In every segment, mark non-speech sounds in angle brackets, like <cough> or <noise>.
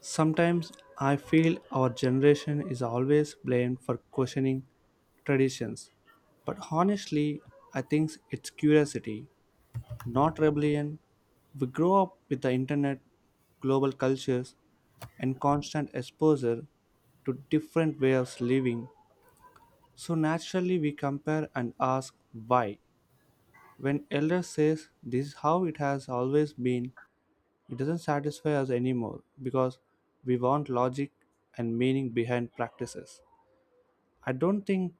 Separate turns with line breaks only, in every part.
Sometimes I feel our generation is always blamed for questioning traditions. But honestly, I think it's curiosity, not rebellion. We grow up with the internet, global cultures, and constant exposure to different ways of living. So naturally, we compare and ask why. When elder says this is how it has always been, it doesn't satisfy us anymore because we want logic and meaning behind practices. I don't think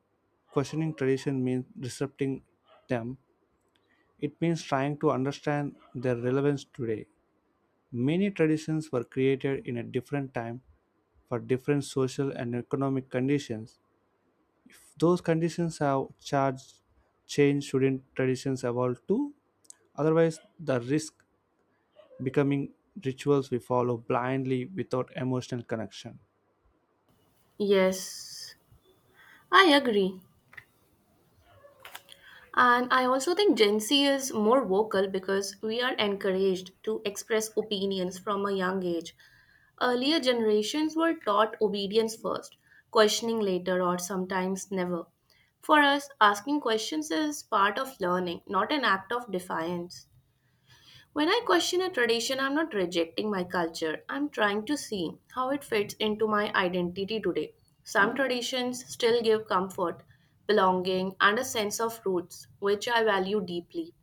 questioning tradition means disrupting them, it means trying to understand their relevance today. Many traditions were created in a different time for different social and economic conditions. Those conditions have charged change shouldn't traditions evolve too? Otherwise, the risk becoming rituals we follow blindly without emotional connection.
Yes, I agree. And I also think Gen Z is more vocal because we are encouraged to express opinions from a young age. Earlier generations were taught obedience first, questioning later, or sometimes never. For us, asking questions is part of learning, not an act of defiance. When I question a tradition, I'm not rejecting my culture. I'm trying to see how it fits into my identity today. Some traditions still give comfort, belonging, and a sense of roots, which I value deeply.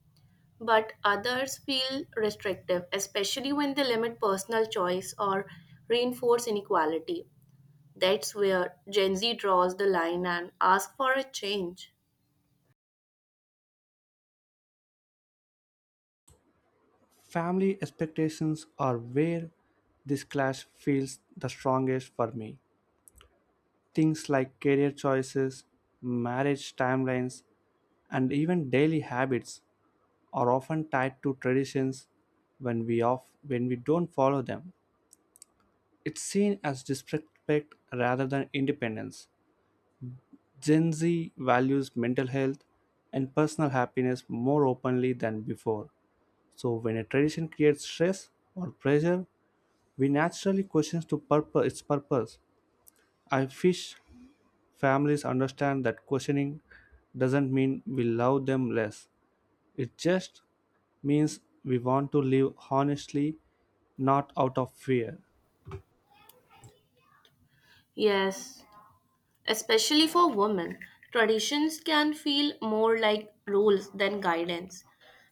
But others feel restrictive, especially when they limit personal choice or reinforce inequality. That's where Gen Z draws the line and asks for a change.
Family expectations are where this clash feels the strongest for me. Things like career choices, marriage timelines, and even daily habits are often tied to traditions when we don't follow them. It's seen as disrespect rather than independence. Gen Z values mental health and personal happiness more openly than before. So when a tradition creates stress or pressure, we naturally question its purpose. I wish families understand that questioning doesn't mean we love them less. It just means we want to live honestly, not out of fear.
Yes, especially for women, traditions can feel more like rules than guidance.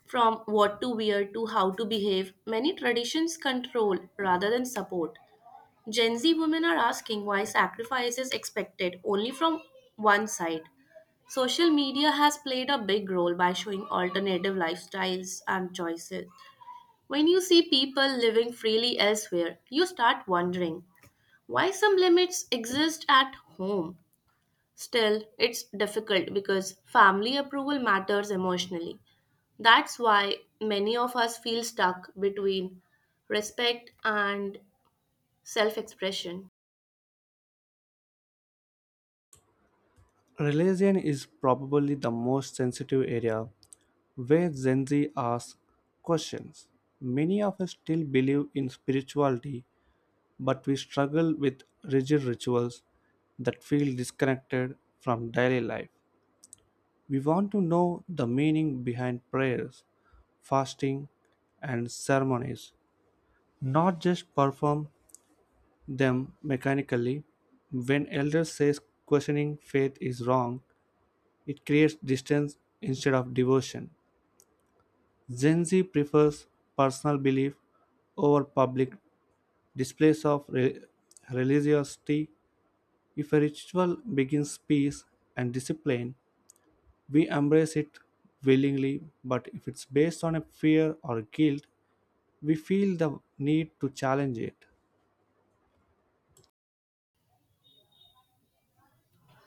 From what to wear to how to behave, many traditions control rather than support. Gen Z women are asking why sacrifice is expected only from one side. Social media has played a big role by showing alternative lifestyles and choices. When you see people living freely elsewhere, you start wondering why some limits exist at home. Still, it's difficult because family approval matters emotionally. That's why many of us feel stuck between respect and self expression.
Religion is probably the most sensitive area where Gen Z asks questions. Many of us still believe in spirituality, but we struggle with rigid rituals that feel disconnected from daily life. We want to know the meaning behind prayers, fasting, and ceremonies, not just perform them mechanically. When elders says questioning faith is wrong, it creates distance instead of devotion. Gen Z prefers personal belief over public displays of religiosity. If a ritual begins peace and discipline, we embrace it willingly, but if it's based on a fear or guilt, we feel the need to challenge it.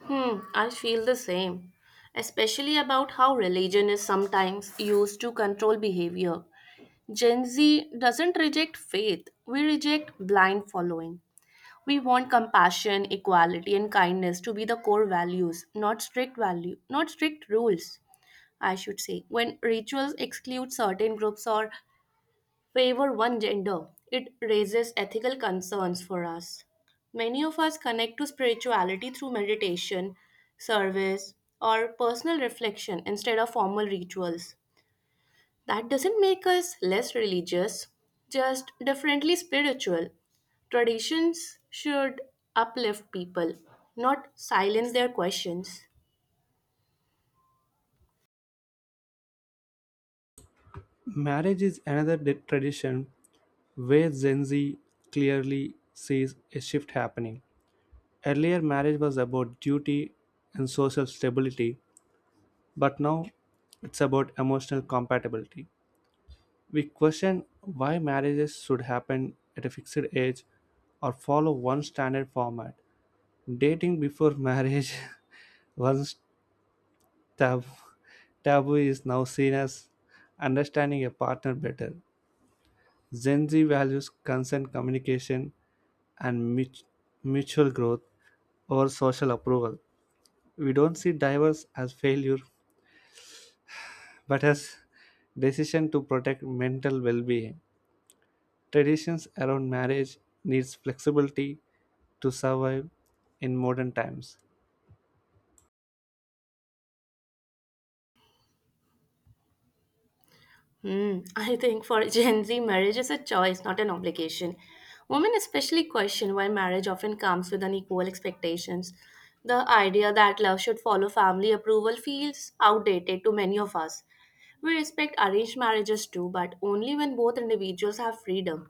Hmm, I feel the same, especially about how religion is sometimes used to control behavior. Gen Z doesn't reject faith, we reject blind following. We want compassion, equality, and kindness to be the core values, not strict rules. I should say. When rituals exclude certain groups or favor one gender, it raises ethical concerns for us. Many of us connect to spirituality through meditation, service, or personal reflection instead of formal rituals. That doesn't make us less religious, just differently spiritual. Traditions should uplift people, not silence their questions.
Marriage is another tradition where Gen Z clearly sees a shift happening. Earlier, marriage was about duty and social stability, but now it's about emotional compatibility. We question why marriages should happen at a fixed age or follow one standard format. Dating before marriage <laughs> once Tab- taboo is now seen as understanding a partner better. Gen Z values consent, communication, and mutual growth over social approval. We don't see divorce as failure, but as decision to protect mental well-being. Traditions around marriage needs flexibility to survive in modern times.
Hmm. I think for Gen Z, marriage is a choice, not an obligation. Women especially question why marriage often comes with unequal expectations. The idea that love should follow family approval feels outdated to many of us. We respect arranged marriages too, but only when both individuals have freedom.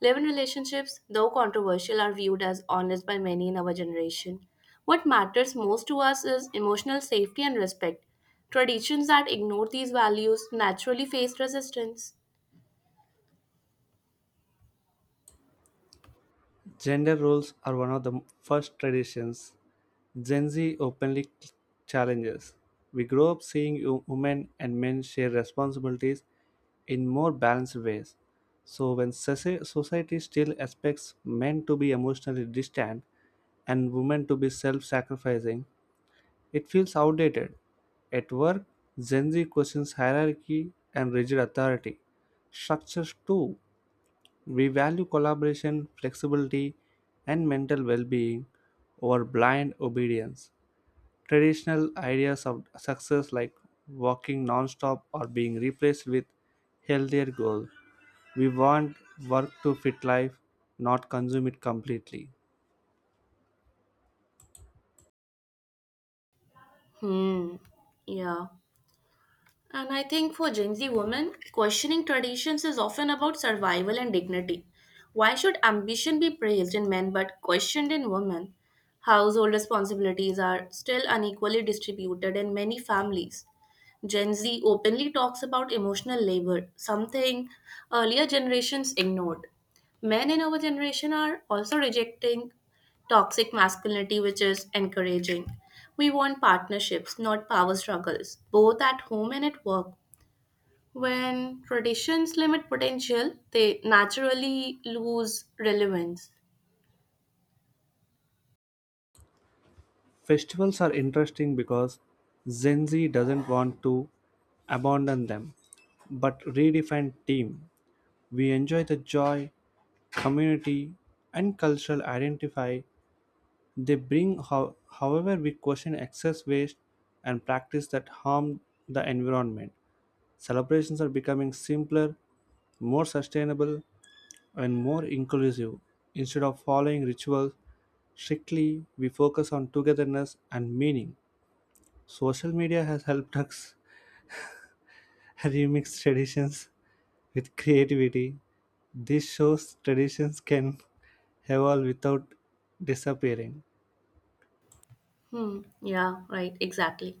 Live in relationships, though controversial, are viewed as honest by many in our generation. What matters most to us is emotional safety and respect. Traditions that ignore these values naturally face resistance.
Gender roles are one of the first traditions Gen Z openly challenges. We grow up seeing women and men share responsibilities in more balanced ways. So, when society still expects men to be emotionally distant and women to be self sacrificing, it feels outdated. At work, Gen Z questions hierarchy and rigid authority. Structures, too. We value collaboration, flexibility, and mental well being over blind obedience. Traditional ideas of success like walking non-stop are being replaced with healthier goals. We want work to fit life, not consume it completely.
Hmm, yeah. And I think for Gen Z women, questioning traditions is often about survival and dignity. Why should ambition be praised in men but questioned in women? Household responsibilities are still unequally distributed in many families. Gen Z openly talks about emotional labor, something earlier generations ignored. Men in our generation are also rejecting toxic masculinity, which is encouraging. We want partnerships, not power struggles, both at home and at work. When traditions limit potential, they naturally lose relevance.
Festivals are interesting because Gen Z doesn't want to abandon them, but redefine team. We enjoy the joy, community, and cultural identify they bring. However, we question excess waste and practice that harm the environment. Celebrations are becoming simpler, more sustainable, and more inclusive. Instead of following rituals strictly, we focus on togetherness and meaning. Social media has helped us <laughs> remix traditions with creativity. This shows traditions can evolve without disappearing.
Hmm, yeah, right, exactly.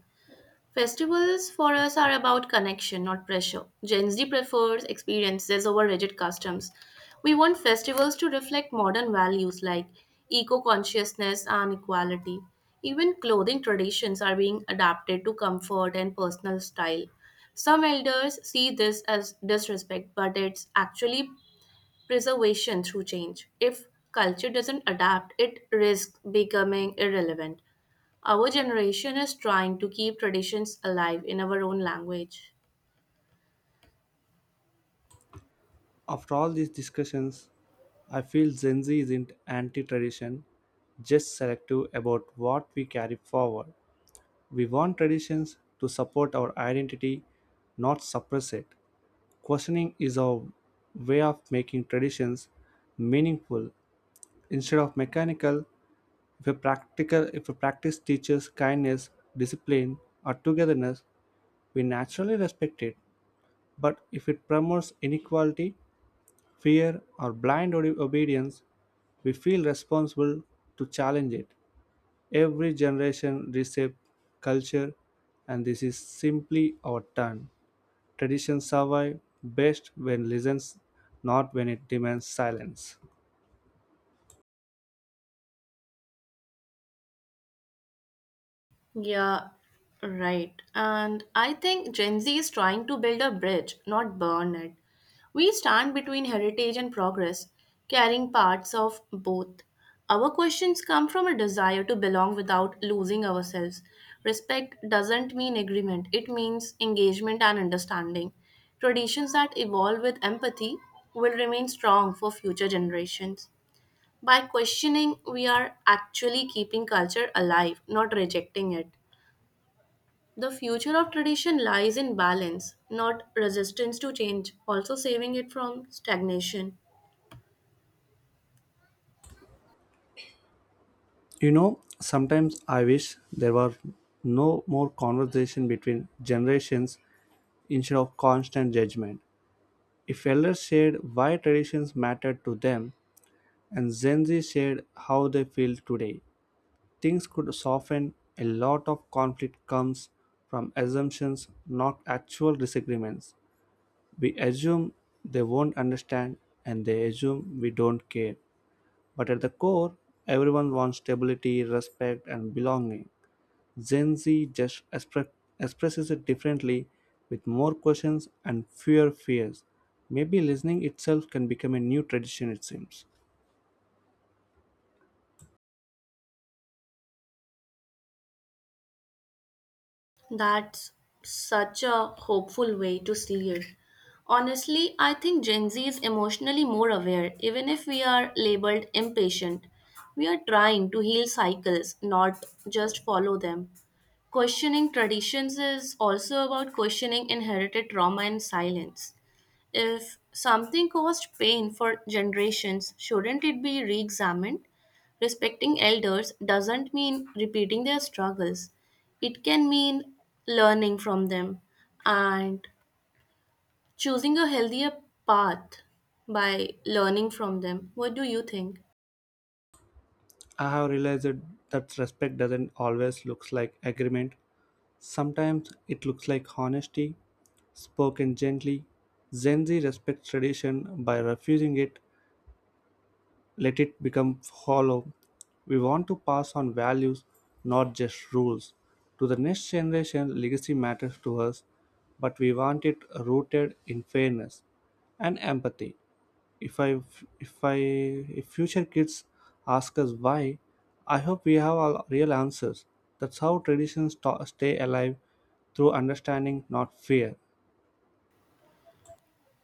Festivals for us are about connection, not pressure. Gen Z prefers experiences over rigid customs. We want festivals to reflect modern values like eco consciousness and equality. Even clothing traditions are being adapted to comfort and personal style. Some elders see this as disrespect, but it's actually preservation through change. If culture doesn't adapt, it risks becoming irrelevant. Our generation is trying to keep traditions alive in our own language.
After all these discussions, I feel Gen Z isn't anti tradition, just selective about what we carry forward. We want traditions to support our identity, not suppress it. Questioning is our way of making traditions meaningful instead of mechanical. If a practice teaches kindness, discipline, or togetherness, we naturally respect it. But if it promotes inequality, fear, or blind obedience, we feel responsible to challenge it. Every generation reshapes culture, and this is simply our turn. Traditions survive best when listens, not when it demands silence.
Yeah, right. And I think Gen Z is trying to build a bridge, not burn it. We stand between heritage and progress, carrying parts of both. Our questions come from a desire to belong without losing ourselves. Respect doesn't mean agreement, it means engagement and understanding. Traditions that evolve with empathy will remain strong for future generations. By questioning, we are actually keeping culture alive, not rejecting it. The future of tradition lies in balance, not resistance to change, also saving it from stagnation.
You know, sometimes I wish there were no more conversation between generations instead of constant judgment. If elders shared why traditions mattered to them, and Gen Z shared how they feel today, things could soften. A lot of conflict comes from assumptions, not actual disagreements. We assume they won't understand, and they assume we don't care, but at the core, everyone wants stability, respect, and belonging. Gen Z just expresses it differently, with more questions and fewer fears. Maybe listening itself can become a new tradition, it seems.
That's such a hopeful way to see it. Honestly, I think Gen Z is emotionally more aware, even if we are labeled impatient. We are trying to heal cycles, not just follow them. Questioning traditions is also about questioning inherited trauma and silence. If something caused pain for generations, shouldn't it be re examined? Respecting elders doesn't mean repeating their struggles, it can mean learning from them and choosing a healthier path by learning from them. What do you think?
I have realized that respect doesn't always look like agreement. Sometimes it looks like honesty, spoken gently. Gen Z respects tradition by refusing it let it become hollow. We want to pass on values, not just rules. To the next generation, legacy matters to us, but we want it rooted in fairness and empathy. If I, if future kids ask us why, I hope we have all real answers. That's how traditions stay alive through understanding, not fear.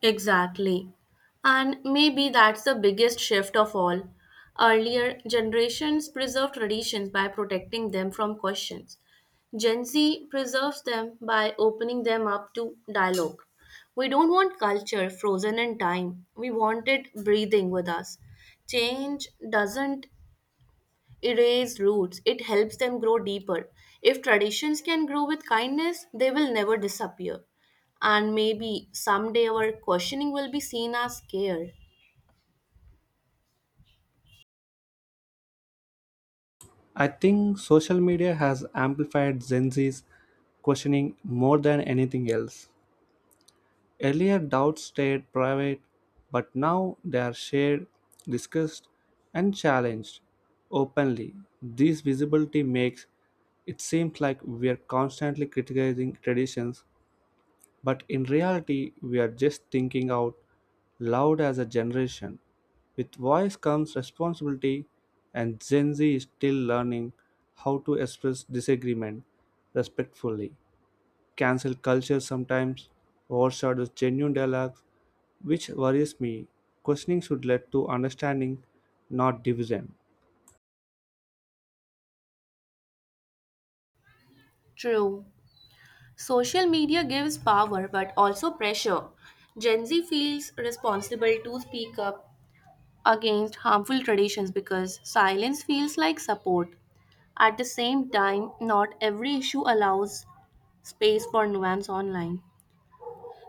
Exactly. And maybe that's the biggest shift of all. Earlier generations preserved traditions by protecting them from questions. Gen Z preserves them by opening them up to dialogue. We don't want culture frozen in time, we want it breathing with us. Change doesn't erase roots, it helps them grow deeper. If traditions can grow with kindness, they will never disappear. And maybe someday our questioning will be seen as care.
I think social media has amplified Gen Z's questioning more than anything else. Earlier doubts stayed private, but now they are shared, discussed, and challenged openly. This visibility makes it seem like we are constantly criticizing traditions, but in reality, we are just thinking out loud as a generation. With voice comes responsibility, and Gen Z is still learning how to express disagreement respectfully. Cancel culture sometimes overshadows genuine dialogues, which worries me. Questioning should lead to understanding, not division.
True. Social media gives power but also pressure. Gen Z feels responsible to speak up against harmful traditions because silence feels like support. At the same time, not every issue allows space for nuance online.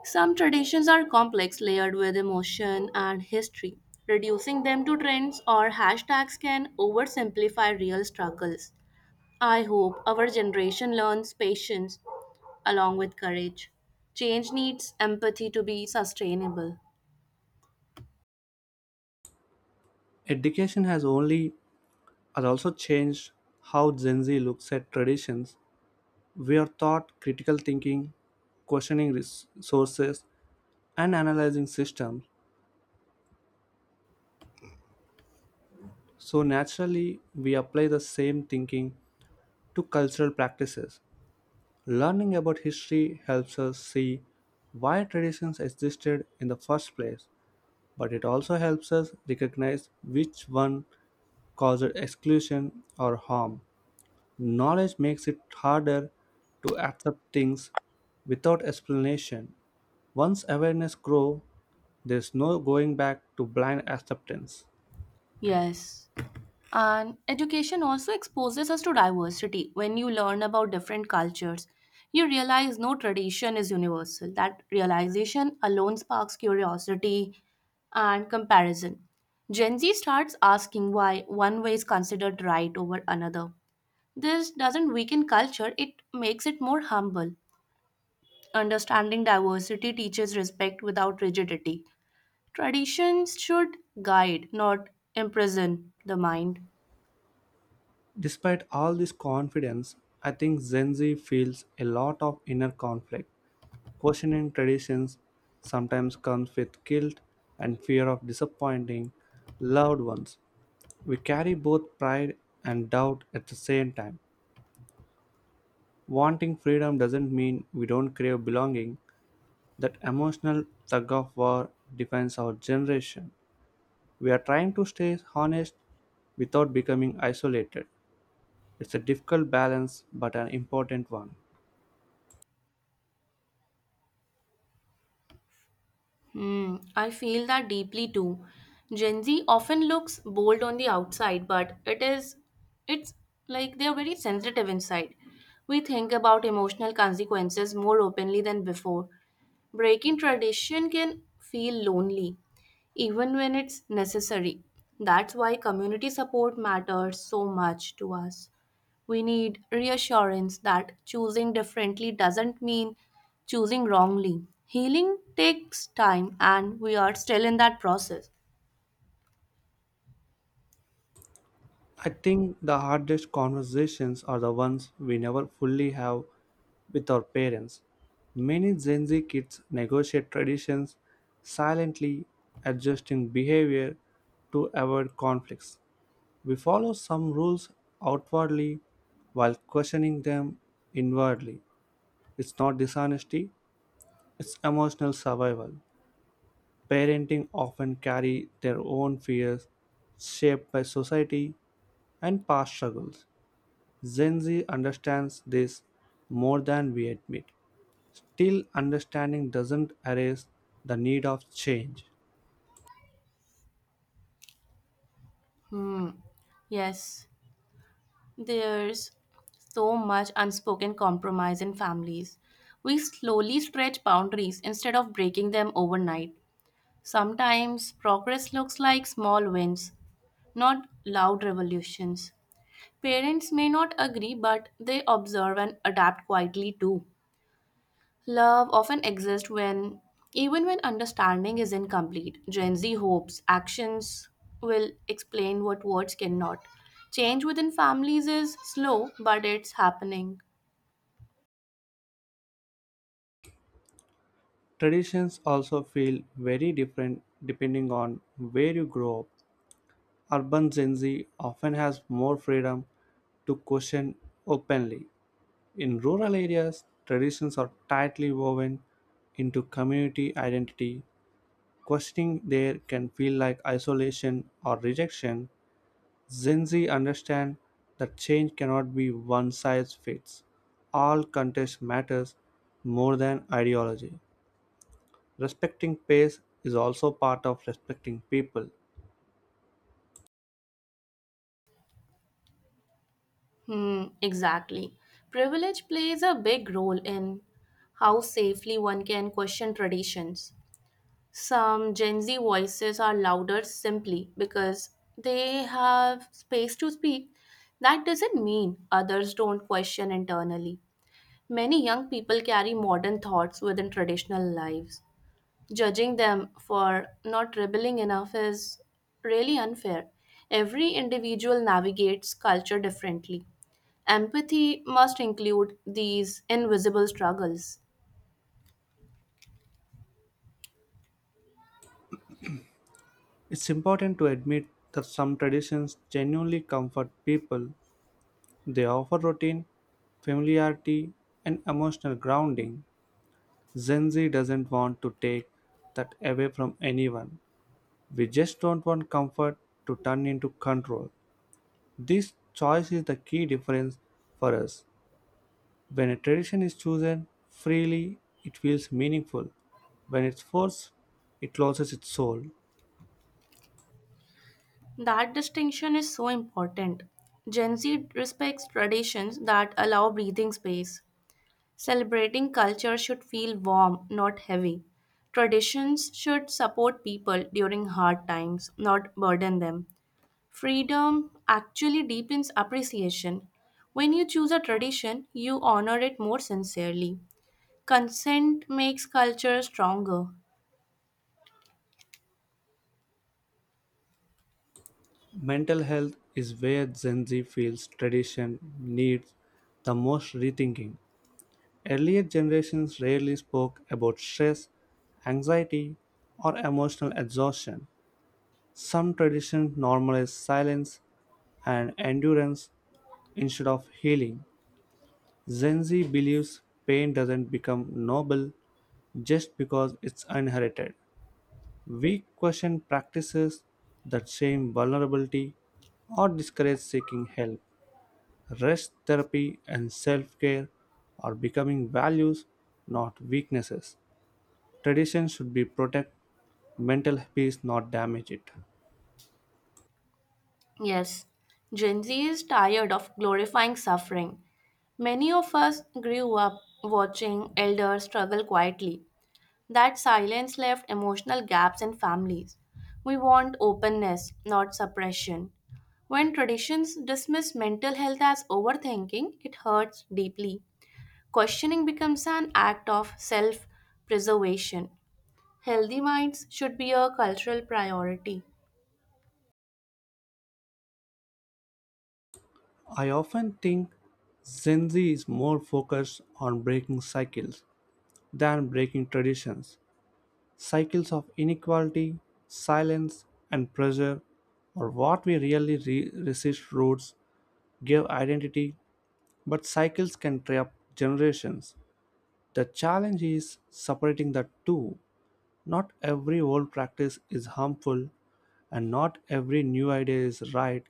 Some traditions are complex, layered with emotion and history. Reducing them to trends or hashtags can oversimplify real struggles. I hope our generation learns patience along with courage. Change needs empathy to be sustainable.
Education has also changed how Gen Z looks at traditions. We are taught critical thinking, questioning sources, and analyzing systems. So naturally, we apply the same thinking to cultural practices. Learning about history helps us see why traditions existed in the first place, but it also helps us recognize which one caused exclusion or harm. Knowledge makes it harder to accept things without explanation. Once awareness grows, there's no going back to blind acceptance.
Yes. And education also exposes us to diversity. When you learn about different cultures, you realize no tradition is universal. That realization alone sparks curiosity and comparison. Gen Z starts asking why one way is considered right over another. This doesn't weaken culture, it makes it more humble. Understanding diversity teaches respect without rigidity. Traditions should guide, not imprison the mind.
Despite all this confidence, I think Gen Z feels a lot of inner conflict. Questioning traditions sometimes comes with guilt and fear of disappointing loved ones. We carry both pride and doubt at the same time. Wanting freedom doesn't mean we don't crave belonging. That emotional tug of war defines our generation. We are trying to stay honest without becoming isolated. It's a difficult balance, but an important one.
Hmm, I feel that deeply too. Gen Z often looks bold on the outside, but it's like they are very sensitive inside. We think about emotional consequences more openly than before. Breaking tradition can feel lonely, even when it's necessary. That's why community support matters so much to us. We need reassurance that choosing differently doesn't mean choosing wrongly. Healing takes time, and we are still in that process.
I think the hardest conversations are the ones we never fully have with our parents. Many Gen Z kids negotiate traditions silently, adjusting behavior to avoid conflicts. We follow some rules outwardly while questioning them inwardly. It's not dishonesty, it's emotional survival. Parenting often carry their own fears shaped by society and past struggles. Gen Z understands this more than we admit. Still, understanding doesn't erase the need of change.
Hmm. Yes, there's so much unspoken compromise in families. We slowly stretch boundaries instead of breaking them overnight. Sometimes progress looks like small wins, not loud revolutions. Parents may not agree, but they observe and adapt quietly too. Love often exists even when understanding is incomplete. Gen Z hopes actions will explain what words cannot. Change within families is slow, but it's happening.
Traditions also feel very different depending on where you grow up. Urban Gen Z often has more freedom to question openly. In rural areas, traditions are tightly woven into community identity. Questioning there can feel like isolation or rejection. Zinzi understand that change cannot be one size fits all. Context matters more than ideology. Respecting pace is also part of respecting people.
Hmm, exactly. Privilege plays a big role in how safely one can question traditions. Some Gen Z voices are louder simply because they have space to speak. That doesn't mean others don't question internally. Many young people carry modern thoughts within traditional lives. Judging them for not rebelling enough is really unfair. Every individual navigates culture differently. Empathy must include these invisible struggles.
It's important to admit that some traditions genuinely comfort people. They offer routine, familiarity, and emotional grounding. Gen Z doesn't want to take that away from anyone. We just don't want comfort to turn into control. This choice is the key difference for us. When a tradition is chosen freely, it feels meaningful. When it's forced, it loses its soul.
That distinction is so important. Gen Z respects traditions that allow breathing space. Celebrating culture should feel warm, not heavy. Traditions should support people during hard times, not burden them. Freedom actually deepens appreciation. When you choose a tradition, you honor it more sincerely. Consent makes culture stronger.
Mental health is where Gen Z feels tradition needs the most rethinking. Earlier generations rarely spoke about stress, anxiety, or emotional exhaustion. Some traditions normalize silence and endurance instead of healing. Zenzi believes pain doesn't become noble just because it's inherited. We question practices that shame vulnerability or discourage seeking help. Rest therapy and self care are becoming values, not weaknesses. Tradition should be protect mental peace, not damage it.
Yes, Gen Z is tired of glorifying suffering. Many of us grew up watching elders struggle quietly. That silence left emotional gaps in families. We want openness, not suppression. When traditions dismiss mental health as overthinking, it hurts deeply. Questioning becomes an act of self preservation. Healthy minds should be a cultural priority.
I often think Gen Z is more focused on breaking cycles than breaking traditions. Cycles of inequality, silence, and pressure or what we really resist. Roots give identity, but cycles can trap generations. The challenge is separating the two. Not every old practice is harmful, and not every new idea is right.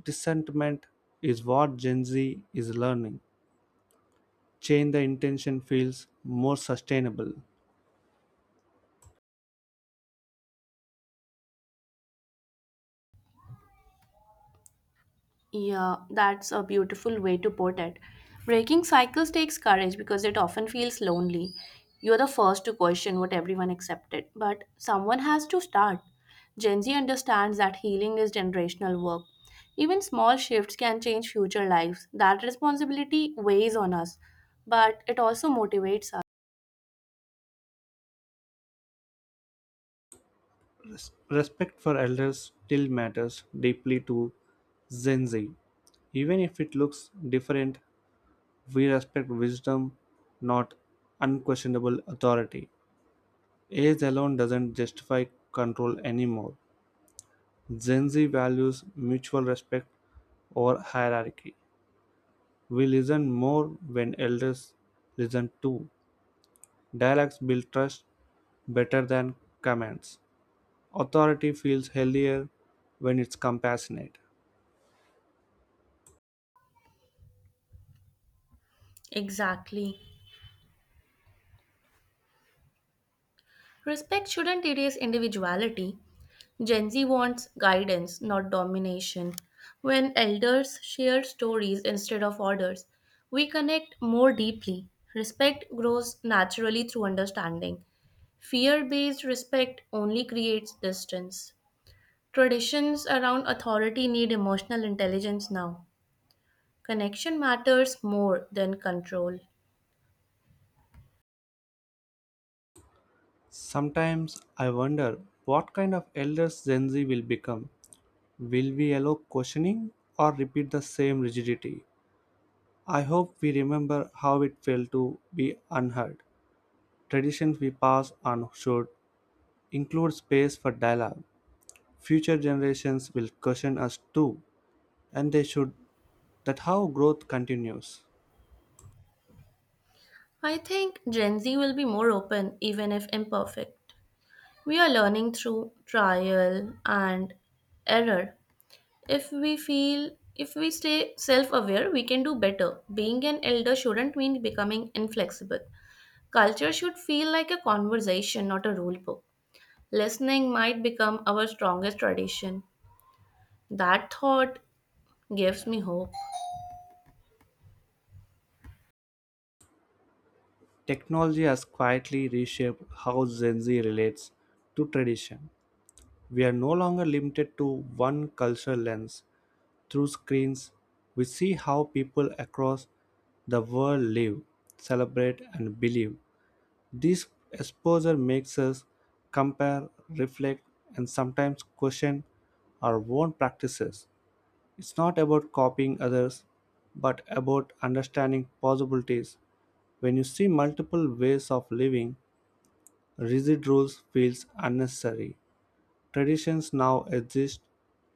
Dissentiment is what Gen Z is learning. Change the intention feels more sustainable.
Yeah, that's a beautiful way to put it. Breaking cycles takes courage because it often feels lonely. You're the first to question what everyone accepted, but someone has to start. Gen Z understands that healing is generational work. Even small shifts can change future lives. That responsibility weighs on us, but it also motivates us.
Res- Respect for elders still matters deeply to Gen Z. Even if it looks different, we respect wisdom, not unquestionable authority. Age alone doesn't justify control anymore. Gen Z values mutual respect over hierarchy. We listen more when elders listen too. Dialects build trust better than commands. Authority feels healthier when it's compassionate.
Exactly. Respect shouldn't erase individuality. Gen Z wants guidance, not domination. When elders share stories instead of orders, we connect more deeply. Respect grows naturally through understanding. Fear based respect only creates distance. Traditions around authority need emotional intelligence now. Connection matters more than control.
Sometimes I wonder what kind of elders Gen Z will become. Will we allow questioning or repeat the same rigidity? I hope we remember how it felt to be unheard. Traditions we pass on should include space for dialogue. Future generations will question us too, and they should, that how growth continues.
I think Gen Z will be more open, even if imperfect. We are learning through trial and error. If we feel if we stay self aware, we can do better. Being an elder shouldn't mean becoming inflexible. Culture should feel like a conversation, not a rule book. Listening might become our strongest tradition. That thought gives me hope.
Technology has quietly reshaped how Gen Z relates to tradition. We are no longer limited to one cultural lens. Through screens, we see how people across the world live, celebrate, and believe. This exposure makes us compare, reflect, and sometimes question our own practices. It's not about copying others, but about understanding possibilities. When you see multiple ways of living, rigid rules feels unnecessary. Traditions now exist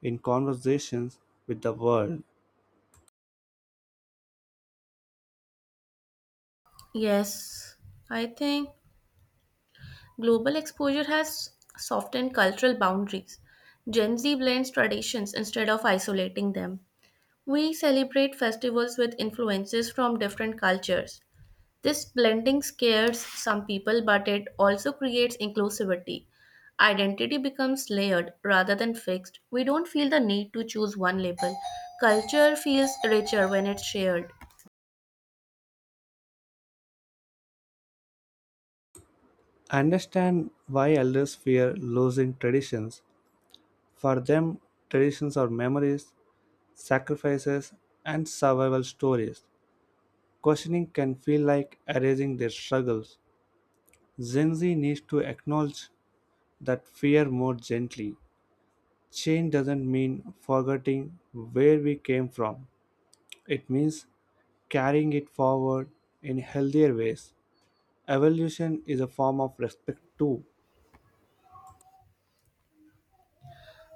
in conversations with the world.
Yes, I think global exposure has softened cultural boundaries. Gen Z blends traditions instead of isolating them. We celebrate festivals with influences from different cultures. This blending scares some people, but it also creates inclusivity. Identity becomes layered rather than fixed. We don't feel the need to choose one label. Culture feels richer when it's shared.
I understand why elders fear losing traditions. For them, traditions are memories, sacrifices, and survival stories. Questioning can feel like erasing their struggles. Gen Z needs to acknowledge that fear more gently. Change doesn't mean forgetting where we came from, it means carrying it forward in healthier ways. Evolution is a form of respect, too.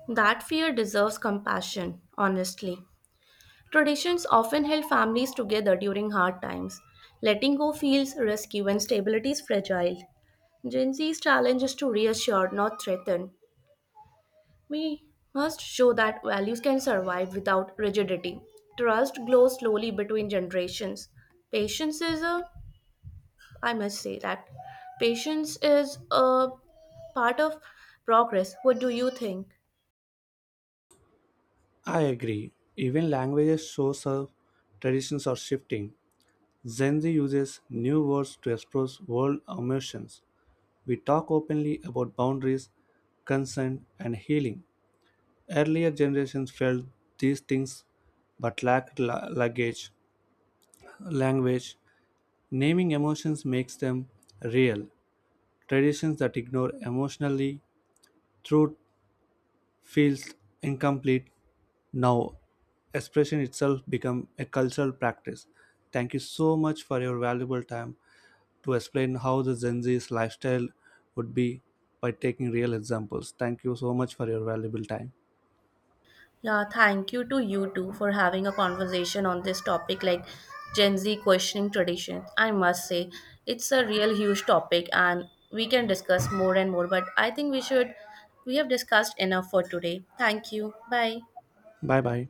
That fear deserves compassion, honestly. Traditions often held families together during hard times. Letting go feels risky when stability is fragile. Gen Z's challenge is to reassure, not threaten. We must show that values can survive without rigidity. Trust grows slowly between generations. Patience is a, I must say that, patience is a part of progress. What do you think?
I agree. Even languages show some traditions are shifting. Gen Z uses new words to express world emotions. We talk openly about boundaries, consent, and healing. Earlier generations felt these things but lacked language. Naming emotions makes them real. Traditions that ignore emotionally truth feels incomplete now, expression itself become a cultural practice. Thank you so much for your valuable time to explain how the Gen Z's lifestyle would be by taking real examples. Thank you so much for your valuable time.
Yeah, thank you to you two for having a conversation on this topic like Gen Z questioning tradition. I must say, it's a real huge topic and we can discuss more and more, but I think we should, we have discussed enough for today. Thank you. Bye.
Bye bye.